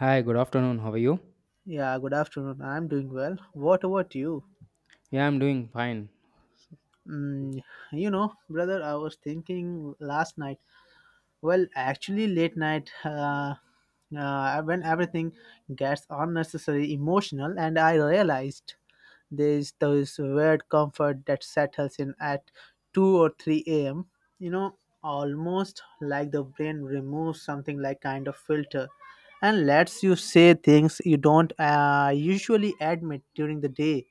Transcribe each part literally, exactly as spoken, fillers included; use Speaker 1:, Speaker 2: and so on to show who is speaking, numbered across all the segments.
Speaker 1: Hi, good afternoon. How are you?
Speaker 2: Yeah, good afternoon. I'm doing well. What about you?
Speaker 1: Yeah, I'm doing fine.
Speaker 2: Mm, you know, Brother, I was thinking last night. Well, actually, late night, uh, uh, when everything gets unnecessary emotional, and I realized there's this weird comfort that settles in at two or three a m. You know, Almost like the brain removes something like kind of filter and lets you say things you don't uh, usually admit during the day.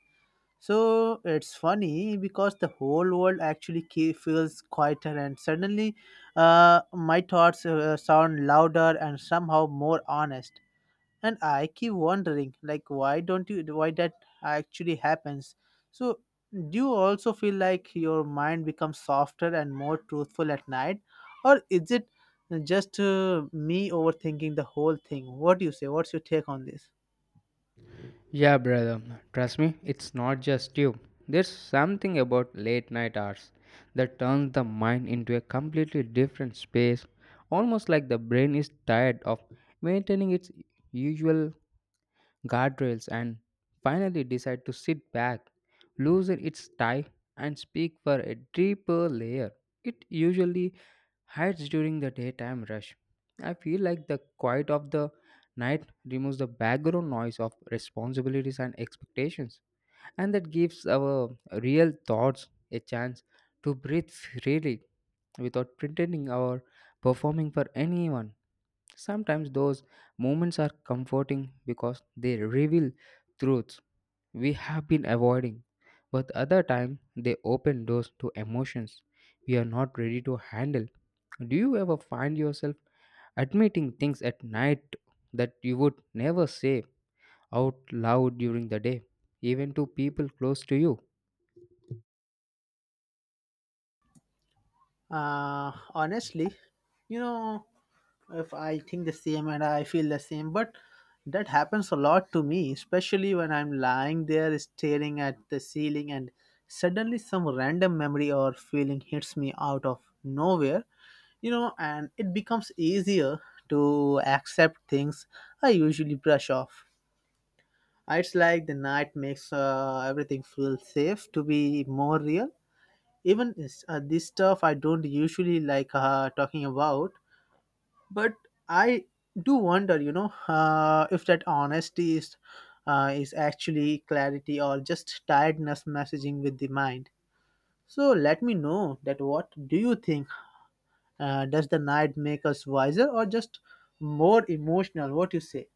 Speaker 2: So it's funny because the whole world actually ke- feels quieter, and suddenly uh, my thoughts uh, sound louder and somehow more honest, and I keep wondering, like, why don't you why that actually happens. So, do you also feel like your mind becomes softer and more truthful at night, or is it just uh, me overthinking the whole thing? What do you say? What's your take on this?
Speaker 1: Yeah, brother. Trust me, it's not just you. There's something about late night hours that turns the mind into a completely different space, almost like the brain is tired of maintaining its usual guardrails and finally decide to sit back, loosen its tie and speak for a deeper layer. It usually hides during the daytime rush. I feel like the quiet of the night removes the background noise of responsibilities and expectations, and that gives our real thoughts a chance to breathe freely without pretending or performing for anyone. Sometimes those moments are comforting because they reveal truths we have been avoiding, but other time they open doors to emotions we are not ready to handle. Do you ever find yourself admitting things at night that you would never say out loud during the day, even to people close to you?
Speaker 2: Uh, honestly, you know, if I think the same and I feel the same, but that happens a lot to me, especially when I'm lying there staring at the ceiling and suddenly some random memory or feeling hits me out of nowhere, you know, and it becomes easier to accept things I usually brush off. It's like the night makes uh, everything feel safe to be more real. Even this, uh, this stuff I don't usually like uh, talking about, but I do wonder, you know, uh, if that honesty is uh, is actually clarity or just tiredness messaging with the mind. So let me know that, what do you think? Uh, does the night make us wiser or just more emotional? What you say?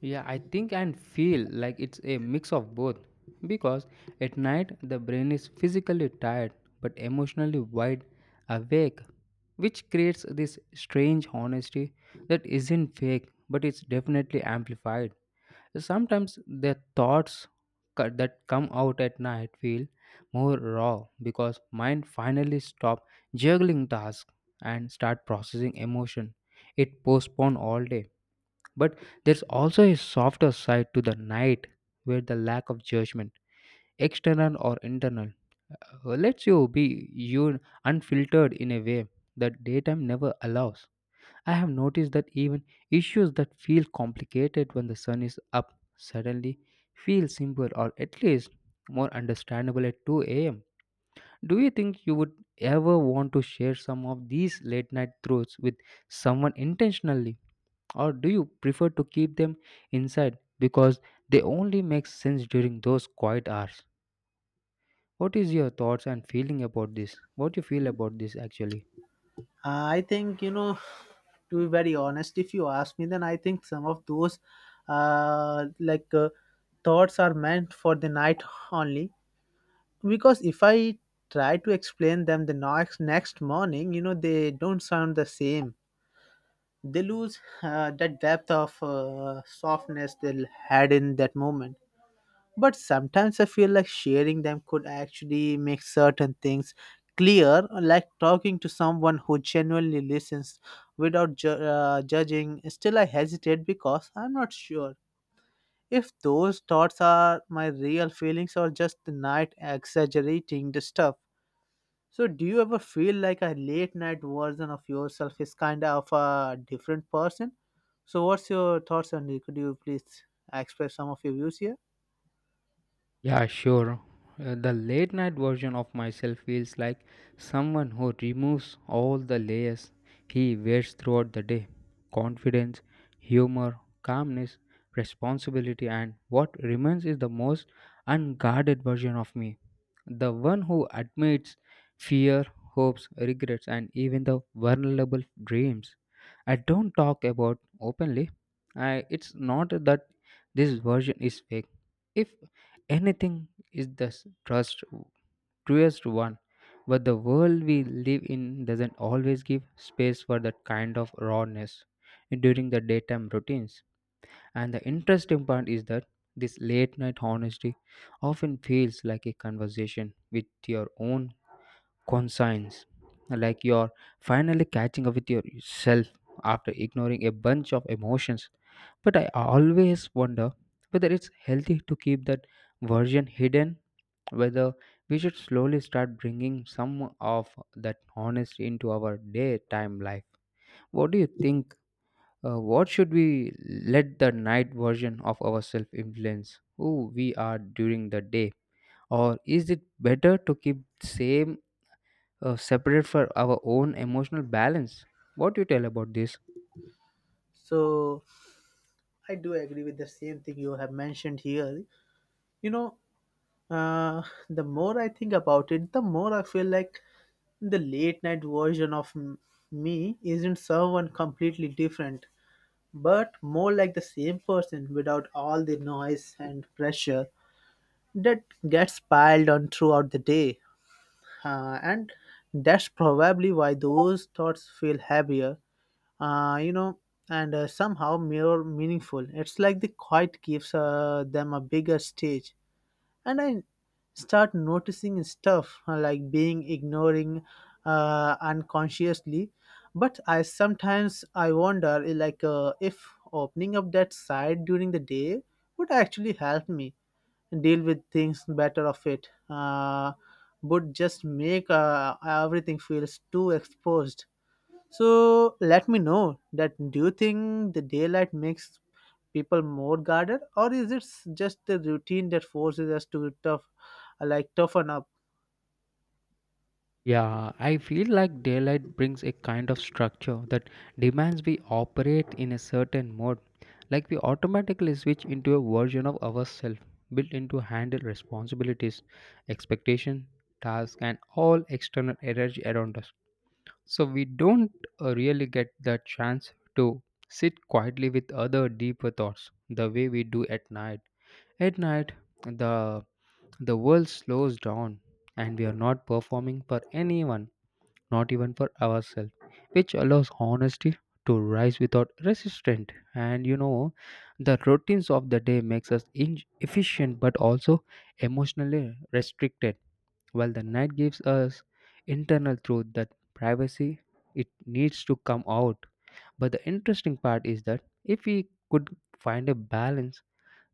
Speaker 1: Yeah, I think and feel like it's a mix of both because at night the brain is physically tired but emotionally wide awake, which creates this strange honesty that isn't fake but it's definitely amplified. Sometimes the thoughts co- that come out at night feel more raw because mind finally stop juggling tasks and start processing emotion it postponed all day. But there's also a softer side to the night where the lack of judgment, external or internal, uh, lets you be you unfiltered in a way that daytime never allows. I have noticed that even issues that feel complicated when the sun is up suddenly feel simple or at least more understandable at two a m. Do you think you would ever want to share some of these late night truths with someone intentionally? Or do you prefer to keep them inside because they only make sense during those quiet hours? What is your thoughts and feeling about this? What you feel about this actually?
Speaker 2: I think, you know, to be very honest, if you ask me, then I think some of those uh, like uh, thoughts are meant for the night only. Because if I try to explain them the next next morning, you know, they don't sound the same. They lose uh, that depth of uh, softness they had in that moment, but sometimes I feel like sharing them could actually make certain things clear, like talking to someone who genuinely listens without ju- uh, judging. Still, I hesitate because I'm not sure if those thoughts are my real feelings or just the night exaggerating the stuff. So, do you ever feel like a late night version of yourself is kind of a different person? So, what's your thoughts on it? Could you please express some of your views here?
Speaker 1: Yeah, sure. Uh, the late night version of myself feels like someone who removes all the layers he wears throughout the day: confidence, humor, calmness, responsibility, and what remains is the most unguarded version of me. The one who admits fear, hopes, regrets, and even the vulnerable dreams I don't talk about openly. I, it's not that this version is fake. If anything is the s- trust truest one, but the world we live in doesn't always give space for that kind of rawness during the daytime routines. And the interesting part is that this late night honesty often feels like a conversation with your own conscience, like you're finally catching up with yourself after ignoring a bunch of emotions. But I always wonder whether it's healthy to keep that version hidden, whether we should slowly start bringing some of that honesty into our daytime life. What do you think? Uh, what should we let the night version of ourselves influence who we are during the day? Or is it better to keep same uh, separate for our own emotional balance? What do you tell about this?
Speaker 2: So, I do agree with the same thing you have mentioned here. You know, uh, the more I think about it, the more I feel like the late night version of m- me isn't someone completely different, but more like the same person without all the noise and pressure that gets piled on throughout the day. Uh, and that's probably why those thoughts feel heavier, uh, you know, and uh, somehow more meaningful. It's like the quiet gives uh, them a bigger stage, and I start noticing stuff, uh, like being ignoring uh, unconsciously. But I sometimes I wonder, eh, like, uh, if opening up that side during the day would actually help me deal with things better of it. Uh, would just make uh, everything feels too exposed. So let me know that, do you think the daylight makes people more guarded, or is it s- just the routine that forces us to tough uh, like toughen up?
Speaker 1: Yeah, I feel like daylight brings a kind of structure that demands we operate in a certain mode. Like we automatically switch into a version of ourselves built into handle responsibilities, expectation, tasks, and all external energy around us. So we don't uh, really get the chance to sit quietly with other deeper thoughts the way we do at night. At night, the the world slows down and we are not performing for anyone, not even for ourselves, which allows honesty to rise without resistance. And you know, the routines of the day makes us in- efficient but also emotionally restricted, while the night gives us internal truth that privacy it needs to come out. But the interesting part is that if we could find a balance,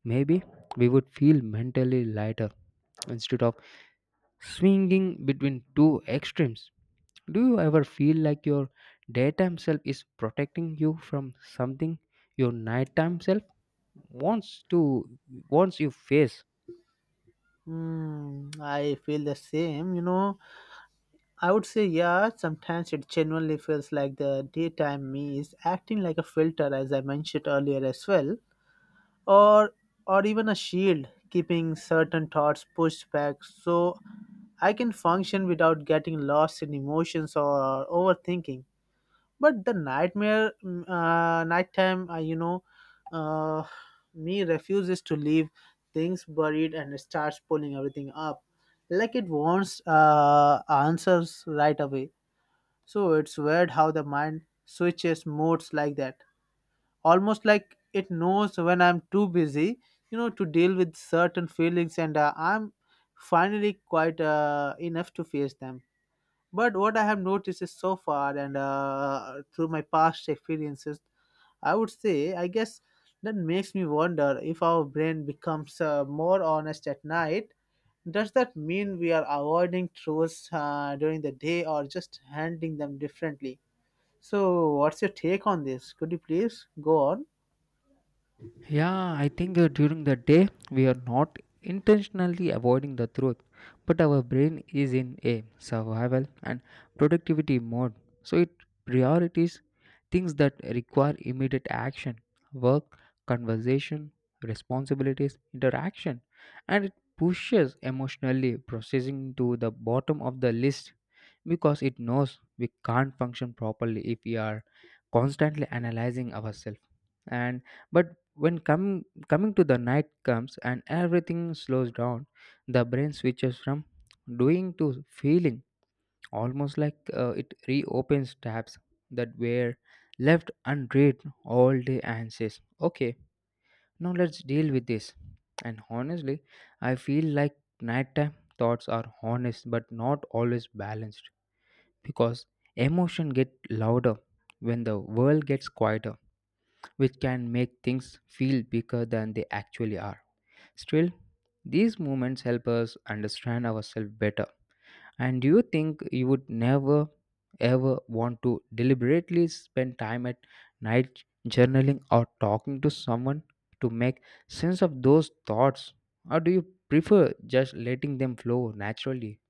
Speaker 1: maybe we would feel mentally lighter instead of swinging between two extremes. Do you ever feel like your daytime self is protecting you from something your nighttime self wants to wants you face?
Speaker 2: Hmm, I feel the same, you know. I would say yeah, sometimes it genuinely feels like the daytime me is acting like a filter, as I mentioned earlier as well. Or or even a shield keeping certain thoughts pushed back, so I can function without getting lost in emotions or overthinking. But the nightmare mm, uh, nighttime uh, you know uh, me refuses to leave things buried and starts pulling everything up, like it wants uh, answers right away. So it's weird how the mind switches modes like that, almost like it knows when I'm too busy, you know to deal with certain feelings, and uh, I'm finally quite uh, enough to face them. But what I have noticed is so far, and uh, through my past experiences, I would say, I guess that makes me wonder if our brain becomes uh, more honest at night. Does that mean we are avoiding truths uh, during the day, or just handling them differently? So, what's your take on this? Could you please go on?
Speaker 1: Yeah, I think uh, during the day we are not intentionally avoiding the truth, but our brain is in a survival and productivity mode. So it priorities things that require immediate action: work, conversation, responsibilities, interaction, and it pushes emotionally processing to the bottom of the list, because it knows we can't function properly if we are constantly analyzing ourselves. And but when come coming to the night comes and everything slows down, the brain switches from doing to feeling, almost like uh, it reopens tabs that were left unread all day and says okay, now let's deal with this. And honestly, I feel like nighttime thoughts are honest but not always balanced, because emotion get louder when the world gets quieter, which can make things feel bigger than they actually are. Still, these moments help us understand ourselves better. And do you think you would never ever want to deliberately spend time at night journaling or talking to someone to make sense of those thoughts? Or do you prefer just letting them flow naturally?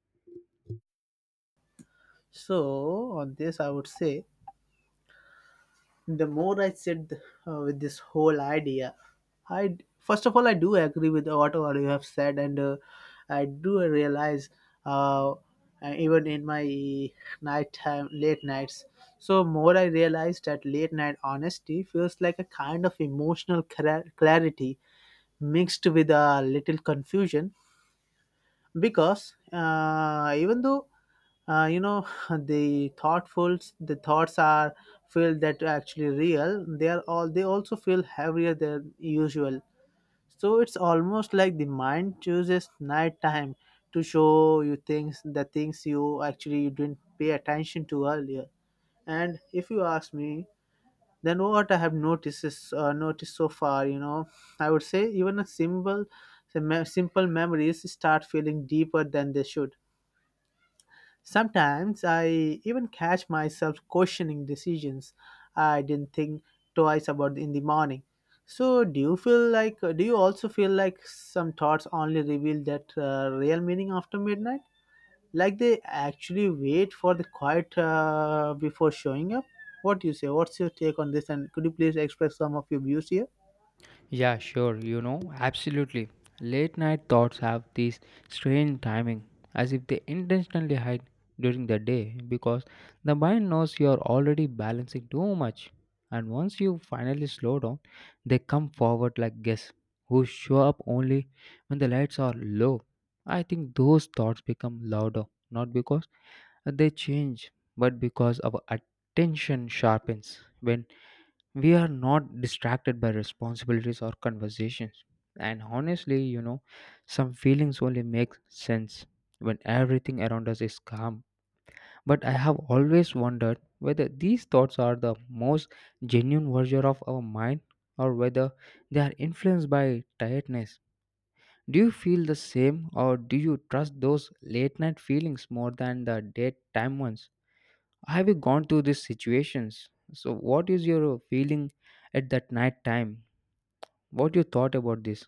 Speaker 2: So, on this, I would say the more I sit uh, with this whole idea, I first of all I do agree with what all you have said, and uh, I do realize, uh, uh, even in my nighttime late nights. So, more I realize that late night honesty feels like a kind of emotional cla- clarity mixed with a little confusion, because uh, even though, uh, you know the thoughtfuls the thoughts are feel that actually real, they are all they also feel heavier than usual. So it's almost like the mind chooses nighttime to show you things the things you actually you didn't pay attention to earlier. And if you ask me, then what I have noticed is, uh, noticed so far, you know, I would say even a simple, sim- simple memories start feeling deeper than they should. Sometimes I even catch myself questioning decisions I didn't think twice about in the morning. So, do you feel like? Do you also feel like some thoughts only reveal that uh, real meaning after midnight? Like they actually wait for the quiet uh, before showing up. What do you say? What's your take on this? And could you please express some of your views here?
Speaker 1: Yeah, sure, you know, absolutely. Late night thoughts have this strange timing, as if they intentionally hide during the day because the mind knows you're already balancing too much. And once you finally slow down, they come forward like guests who show up only when the lights are low. I think those thoughts become louder, not because they change, but because our attention sharpens when we are not distracted by responsibilities or conversations. And honestly, you know, some feelings only make sense when everything around us is calm. But I have always wondered whether these thoughts are the most genuine version of our mind, or whether they are influenced by tiredness. Do you feel the same, or do you trust those late night feelings more than the daytime ones? Have you gone through these situations? So, what is your feeling at that night time? What you thought about this?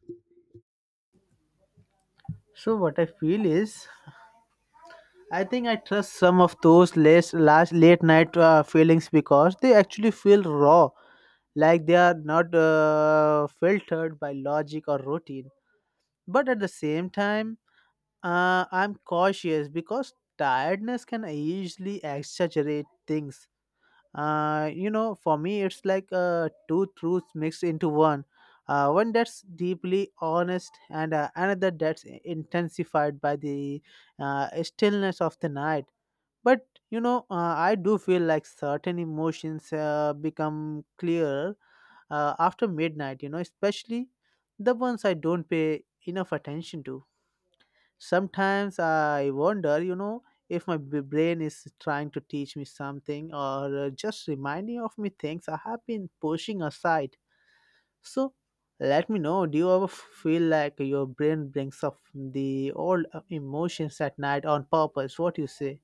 Speaker 2: So what I feel is, I think I trust some of those less last late night uh, feelings, because they actually feel raw, like they are not uh, filtered by logic or routine. But at the same time, uh, I'm cautious because tiredness can easily exaggerate things. Uh, you know for me it's like, uh, two truths mixed into one. Uh, one that's deeply honest and uh, another that's i- intensified by the uh, stillness of the night. But you know uh, I do feel like certain emotions uh, become clearer uh, after midnight, you know especially the ones I don't pay enough attention to. Sometimes I wonder, you know, if my b- brain is trying to teach me something, or uh, just reminding of me things I have been pushing aside. So, let me know, do you ever feel like your brain brings up the old uh, emotions at night on purpose? What you say?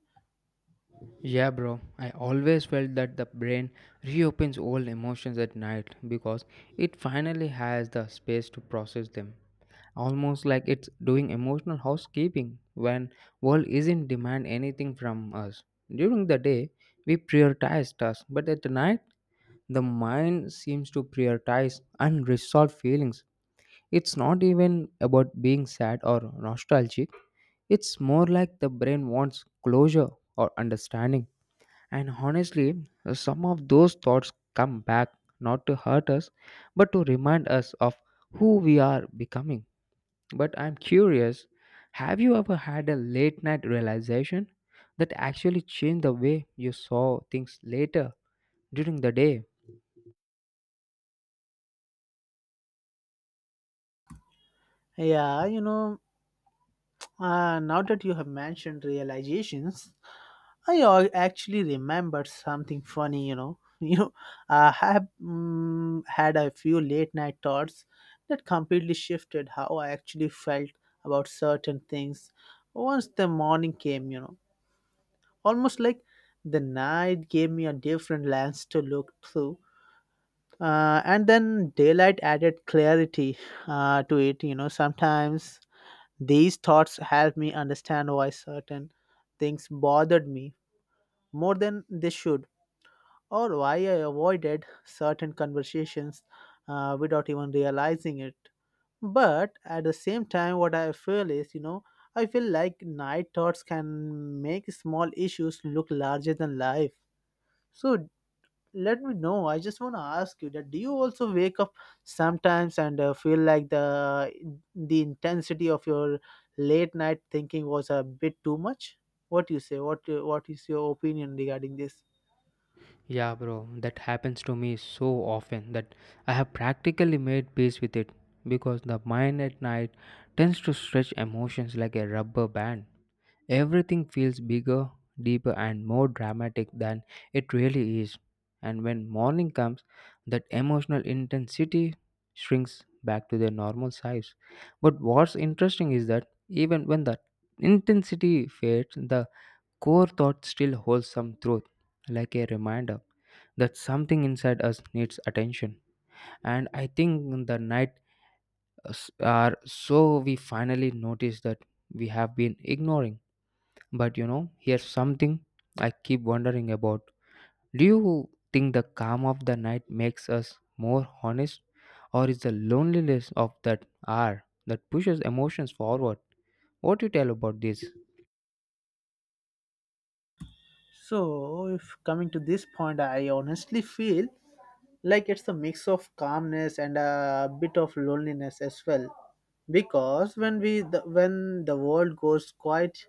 Speaker 1: Yeah, bro. I always felt that the brain reopens old emotions at night because it finally has the space to process them. Almost like it's doing emotional housekeeping when world isn't demand anything from us. During the day, we prioritize tasks, but at night, the mind seems to prioritize unresolved feelings. It's not even about being sad or nostalgic, it's more like the brain wants closure or understanding. And honestly, some of those thoughts come back not to hurt us, but to remind us of who we are becoming. But I'm curious, have you ever had a late night realization that actually changed the way you saw things later during the day?
Speaker 2: Yeah, you know, Uh, now that you have mentioned realizations, I al- actually remembered something funny. You know, you know, I have, mm, had a few late night thoughts that completely shifted how I actually felt about certain things. Once the morning came, you know, almost like the night gave me a different lens to look through. Uh, and then daylight added clarity uh, to it. You know, sometimes these thoughts helped me understand why certain things bothered me more than they should, or why I avoided certain conversations uh, without even realizing it. But at the same time, what I feel is, you know, I feel like night thoughts can make small issues look larger than life. So, let me know, I just want to ask you that, do you also wake up sometimes and uh, feel like the the intensity of your late night thinking was a bit too much? What do you say? What uh, what is your opinion regarding this?
Speaker 1: Yeah, bro, that happens to me so often that I have practically made peace with it, because the mind at night tends to stretch emotions like a rubber band. Everything feels bigger, deeper, and more dramatic than it really is. And when morning comes, that emotional intensity shrinks back to their normal size. But what's interesting is that even when the intensity fades, the core thought still holds some truth, like a reminder that something inside us needs attention. And I think the night uh, s- are so we finally notice that we have been ignoring. But you know, here's something I keep wondering about. Do you think the calm of the night makes us more honest, or is the loneliness of that hour that pushes emotions forward? What do you tell about this?
Speaker 2: So, if coming to this point, I honestly feel like it's a mix of calmness and a bit of loneliness as well. Because when we the, when the world goes quiet,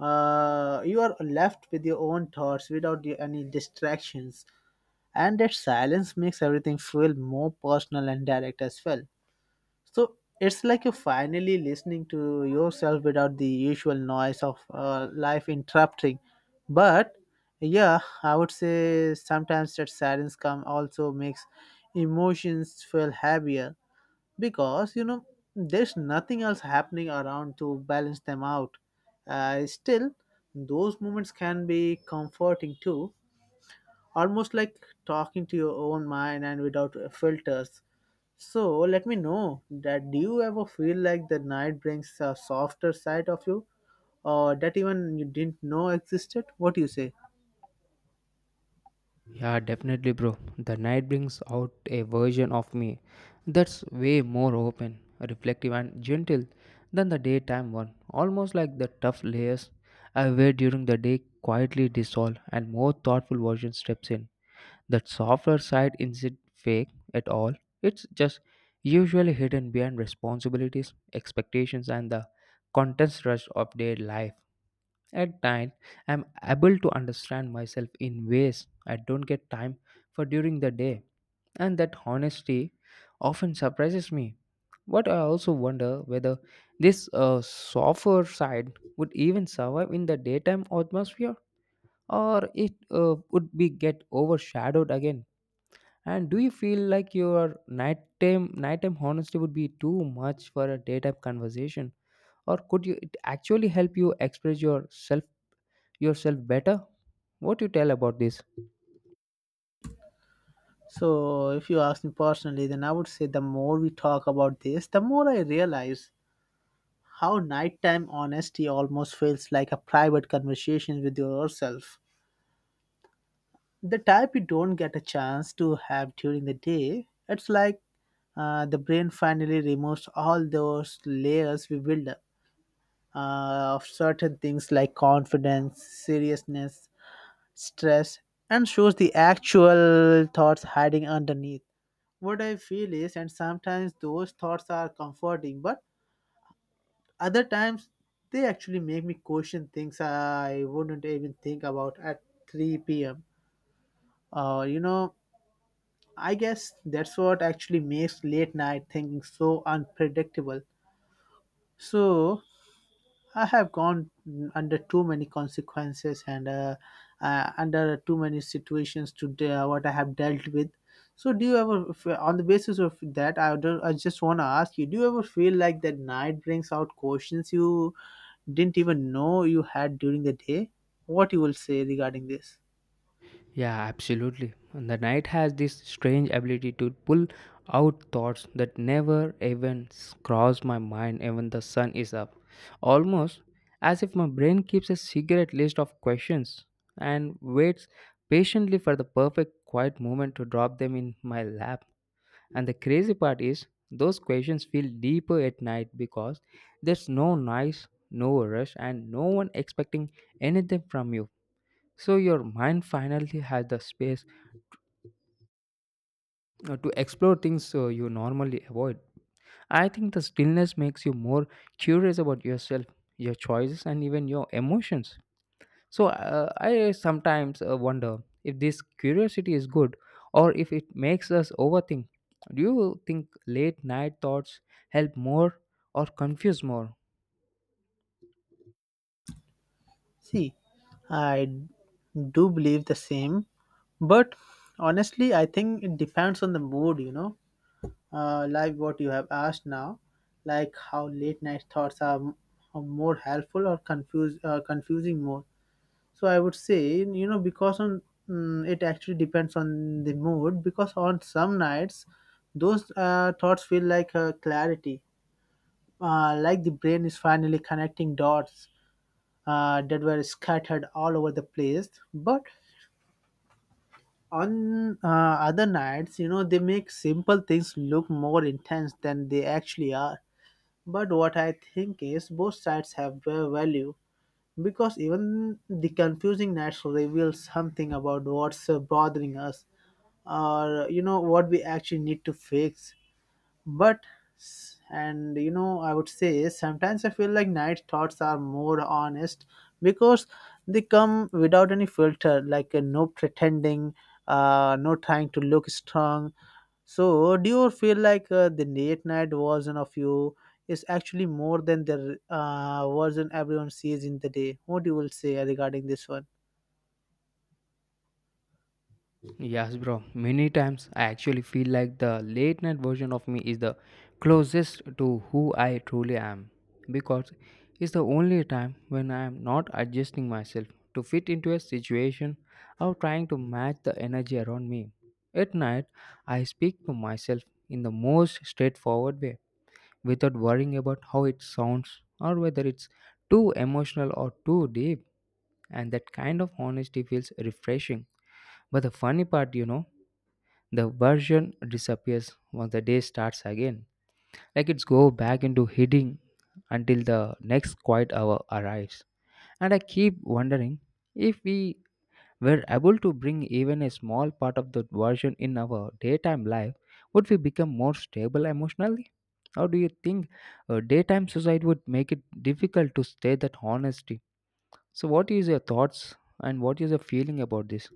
Speaker 2: uh, you are left with your own thoughts without the- any distractions, and that silence makes everything feel more personal and direct as well. So it's like you're finally listening to yourself without the usual noise of uh, life interrupting. But yeah, I would say sometimes that silence come also makes emotions feel heavier, because you know there's nothing else happening around to balance them out. Uh, still, those moments can be comforting too. Almost like talking to your own mind and without uh, filters. So let me know that, do you ever feel like the night brings a softer side of you, or that even you didn't know existed? What do you say?
Speaker 1: Yeah, definitely, bro. The night brings out a version of me that's way more open, reflective, and gentle than the daytime one. Almost like the tough layers I wear during the day quietly dissolve, and more thoughtful version steps in. That softer side isn't fake at all, it's just usually hidden behind responsibilities, expectations, and the contents rush of day life. At night, I'm able to understand myself in ways I don't get time for during the day, and that honesty often surprises me. But I also wonder whether this uh, softer side would even survive in the daytime atmosphere, or it uh, would be get overshadowed again. And do you feel like your nighttime nighttime honesty would be too much for a daytime conversation, or could you it actually help you express yourself yourself better? What you tell about this?
Speaker 2: So if you ask me personally, then I would say the more we talk about this, the more I realize how nighttime honesty almost feels like a private conversation with yourself, the type you don't get a chance to have during the day. It's like uh, the brain finally removes all those layers we build up, uh, of certain things like confidence, seriousness, stress, and shows the actual thoughts hiding underneath. What I feel is, and sometimes those thoughts are comforting, but other times they actually make me question things I wouldn't even think about at three p m. Or, you know, I guess that's what actually makes late night thinking so unpredictable. So I have gone mm, under too many consequences and uh, uh, under too many situations to de- uh, what I have dealt with. So do you ever, f- on the basis of that, I don't, I just want to ask you: do you ever feel like that night brings out questions you didn't even know you had during the day? What you will say regarding this?
Speaker 1: Yeah, absolutely. And the night has this strange ability to pull out thoughts that never even s- cross my mind even the sun is up. Almost as if my brain keeps a secret list of questions and waits patiently for the perfect quiet moment to drop them in my lap. And the crazy part is those questions feel deeper at night because there's no noise, no rush and no one expecting anything from you. So your mind finally has the space uh, to explore things uh, you normally avoid. I think the stillness makes you more curious about yourself, your choices, and even your emotions. So uh, I sometimes uh, wonder if this curiosity is good or if it makes us overthink. Do you think late night thoughts help more or confuse more?
Speaker 2: See, I do believe the same, but honestly, I think it depends on the mood, you know. Uh, like what you have asked now, like how late night thoughts are, m- are more helpful or confuse uh, confusing more. So I would say, you know, because on mm, it actually depends on the mood. Because on some nights, those uh, thoughts feel like uh, clarity, uh, like the brain is finally connecting dots uh, that were scattered all over the place. But on uh, other nights, you know, they make simple things look more intense than they actually are. But what I think is both sides have their value because even the confusing nights reveal something about what's uh, bothering us, or you know what we actually need to fix, but s- and you know, I would say sometimes I feel like night thoughts are more honest because they come without any filter, like uh, no pretending, uh, no trying to look strong. So, do you feel like uh, the late night version of you is actually more than the uh, version everyone sees in the day? What you will say regarding this one?
Speaker 1: Yes, bro. Many times I actually feel like the late night version of me is the closest to who I truly am, because it's the only time when I am not adjusting myself to fit into a situation or trying to match the energy around me. At night, I speak to myself in the most straightforward way without worrying about how it sounds or whether it's too emotional or too deep, and that kind of honesty feels refreshing. But the funny part, you know, the version disappears once the day starts again, like it's go back into hiding until the next quiet hour arrives. And I keep wondering, if we were able to bring even a small part of the version in our daytime life, would we become more stable emotionally? How do you think a daytime suicide would make it difficult to stay that honesty? So what is your thoughts and what is your feeling about this?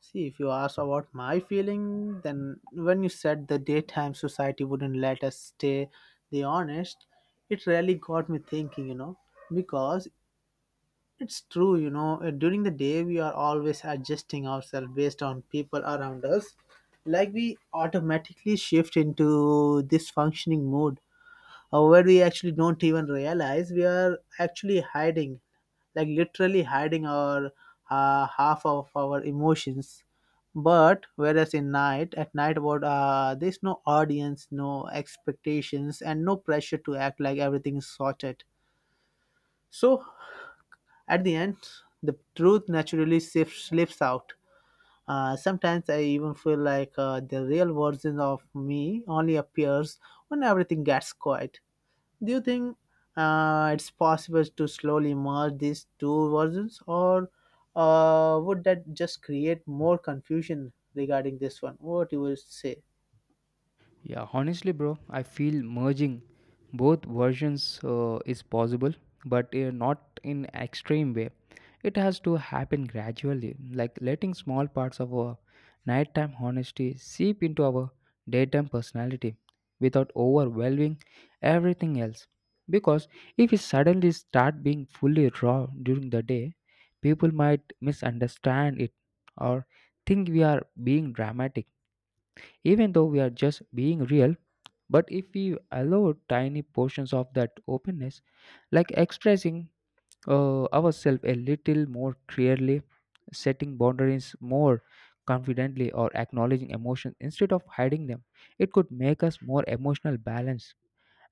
Speaker 2: See, if you ask about my feeling, then when you said the daytime society wouldn't let us stay the honest, it really got me thinking, you know, because it's true, you know, uh, during the day we are always adjusting ourselves based on people around us. Like we automatically shift into this functioning mode uh, where we actually don't even realize we are actually hiding, like literally hiding our uh, half of our emotions. But whereas in night, at night, what uh, there's no audience, no expectations, and no pressure to act like everything is sorted. So at the end the truth naturally sif- slips out. Uh, sometimes I even feel like uh, the real version of me only appears when everything gets quiet. Do you think uh, it's possible to slowly merge these two versions, or uh, would that just create more confusion regarding this one? What you will say?
Speaker 1: Yeah, honestly, bro, I feel merging both versions uh, is possible, but uh, not in extreme way. It has to happen gradually, like letting small parts of our nighttime honesty seep into our daytime personality without overwhelming everything else. Because if we suddenly start being fully raw during the day, people might misunderstand it or think we are being dramatic, even though we are just being real. But if we allow tiny portions of that openness, like expressing uh, ourselves a little more clearly, setting boundaries more confidently, or acknowledging emotions instead of hiding them, it could make us more emotional balanced.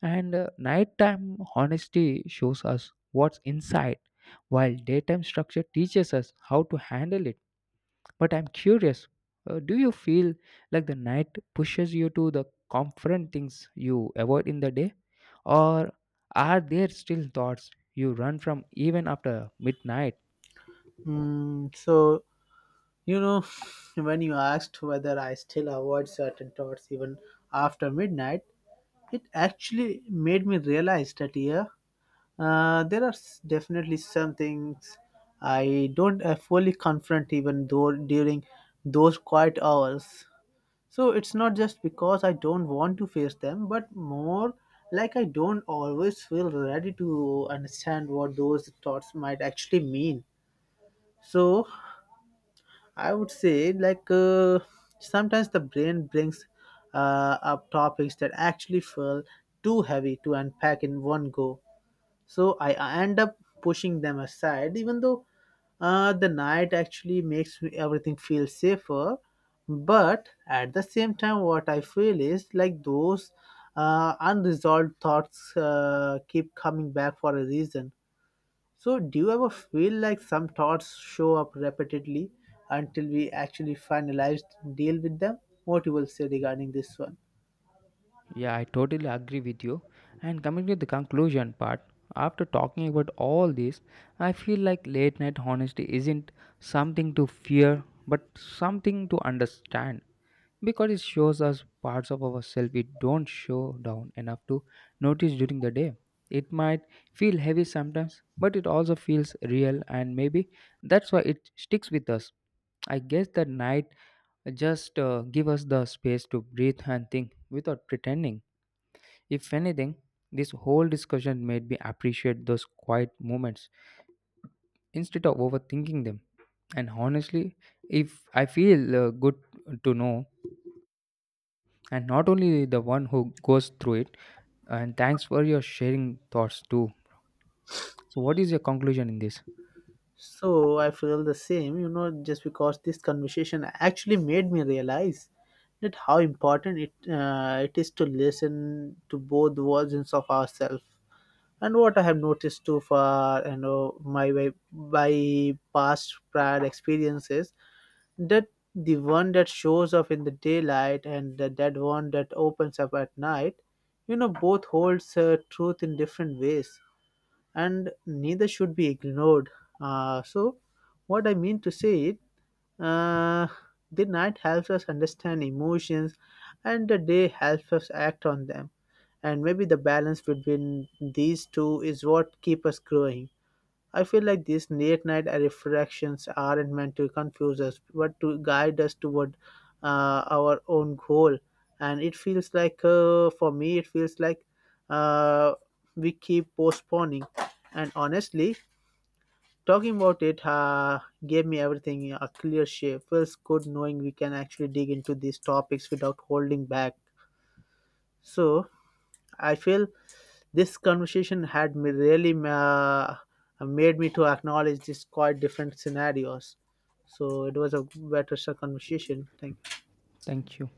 Speaker 1: And uh, nighttime honesty shows us what's inside, while daytime structure teaches us how to handle it. But I'm curious, uh, do you feel like the night pushes you to the confront things you avoid in the day? Or are there still thoughts you run from even after midnight?
Speaker 2: Mm, so you know, when you asked whether I still avoid certain thoughts even after midnight, it actually made me realize that yeah, uh, there are s- definitely some things I don't uh, fully confront even though during those quiet hours. So it's not just because I don't want to face them, but more like I don't always feel ready to understand what those thoughts might actually mean. So I would say, like, uh, sometimes the brain brings uh, up topics that actually feel too heavy to unpack in one go, so I, I end up pushing them aside even though uh, the night actually makes me- everything feel safer. But at the same time what I feel is like those uh, unresolved thoughts uh, keep coming back for a reason. So do you ever feel like some thoughts show up repeatedly until we actually finalize, deal with them? What you will say regarding this one?
Speaker 1: Yeah, I totally agree with you. And coming to the conclusion part, after talking about all this, I feel like late night honesty isn't something to fear, but something to understand, because it shows us parts of ourselves we don't show down enough to notice during the day. It might feel heavy sometimes, but it also feels real, and maybe that's why it sticks with us. I guess that night just uh, give us the space to breathe and think without pretending. If anything, this whole discussion made me appreciate those quiet moments instead of overthinking them. And honestly, if I feel uh, good to know, and not only the one who goes through it, and thanks for your sharing thoughts too. So what is your conclusion in this?
Speaker 2: So I feel the same, you know, just because this conversation actually made me realize that how important it uh, it is to listen to both versions of ourselves. And what I have noticed too far, you know, my by, by past prior experiences, that the one that shows up in the daylight and the, that one that opens up at night, you know, both holds uh, truth in different ways, and neither should be ignored. Uh, so, what I mean to say it, uh, the night helps us understand emotions, and the day helps us act on them. And maybe the balance between these two is what keep us growing. I feel like these late night reflections aren't meant to confuse us, but to guide us toward uh, our own goal. And it feels like, uh, for me, it feels like uh, we keep postponing. And honestly, talking about it uh, gave me everything a clear shape. Feels good knowing we can actually dig into these topics without holding back. So I feel this conversation had me really ma- made me to acknowledge these quite different scenarios. So it was a better conversation. Thank
Speaker 1: Thank you.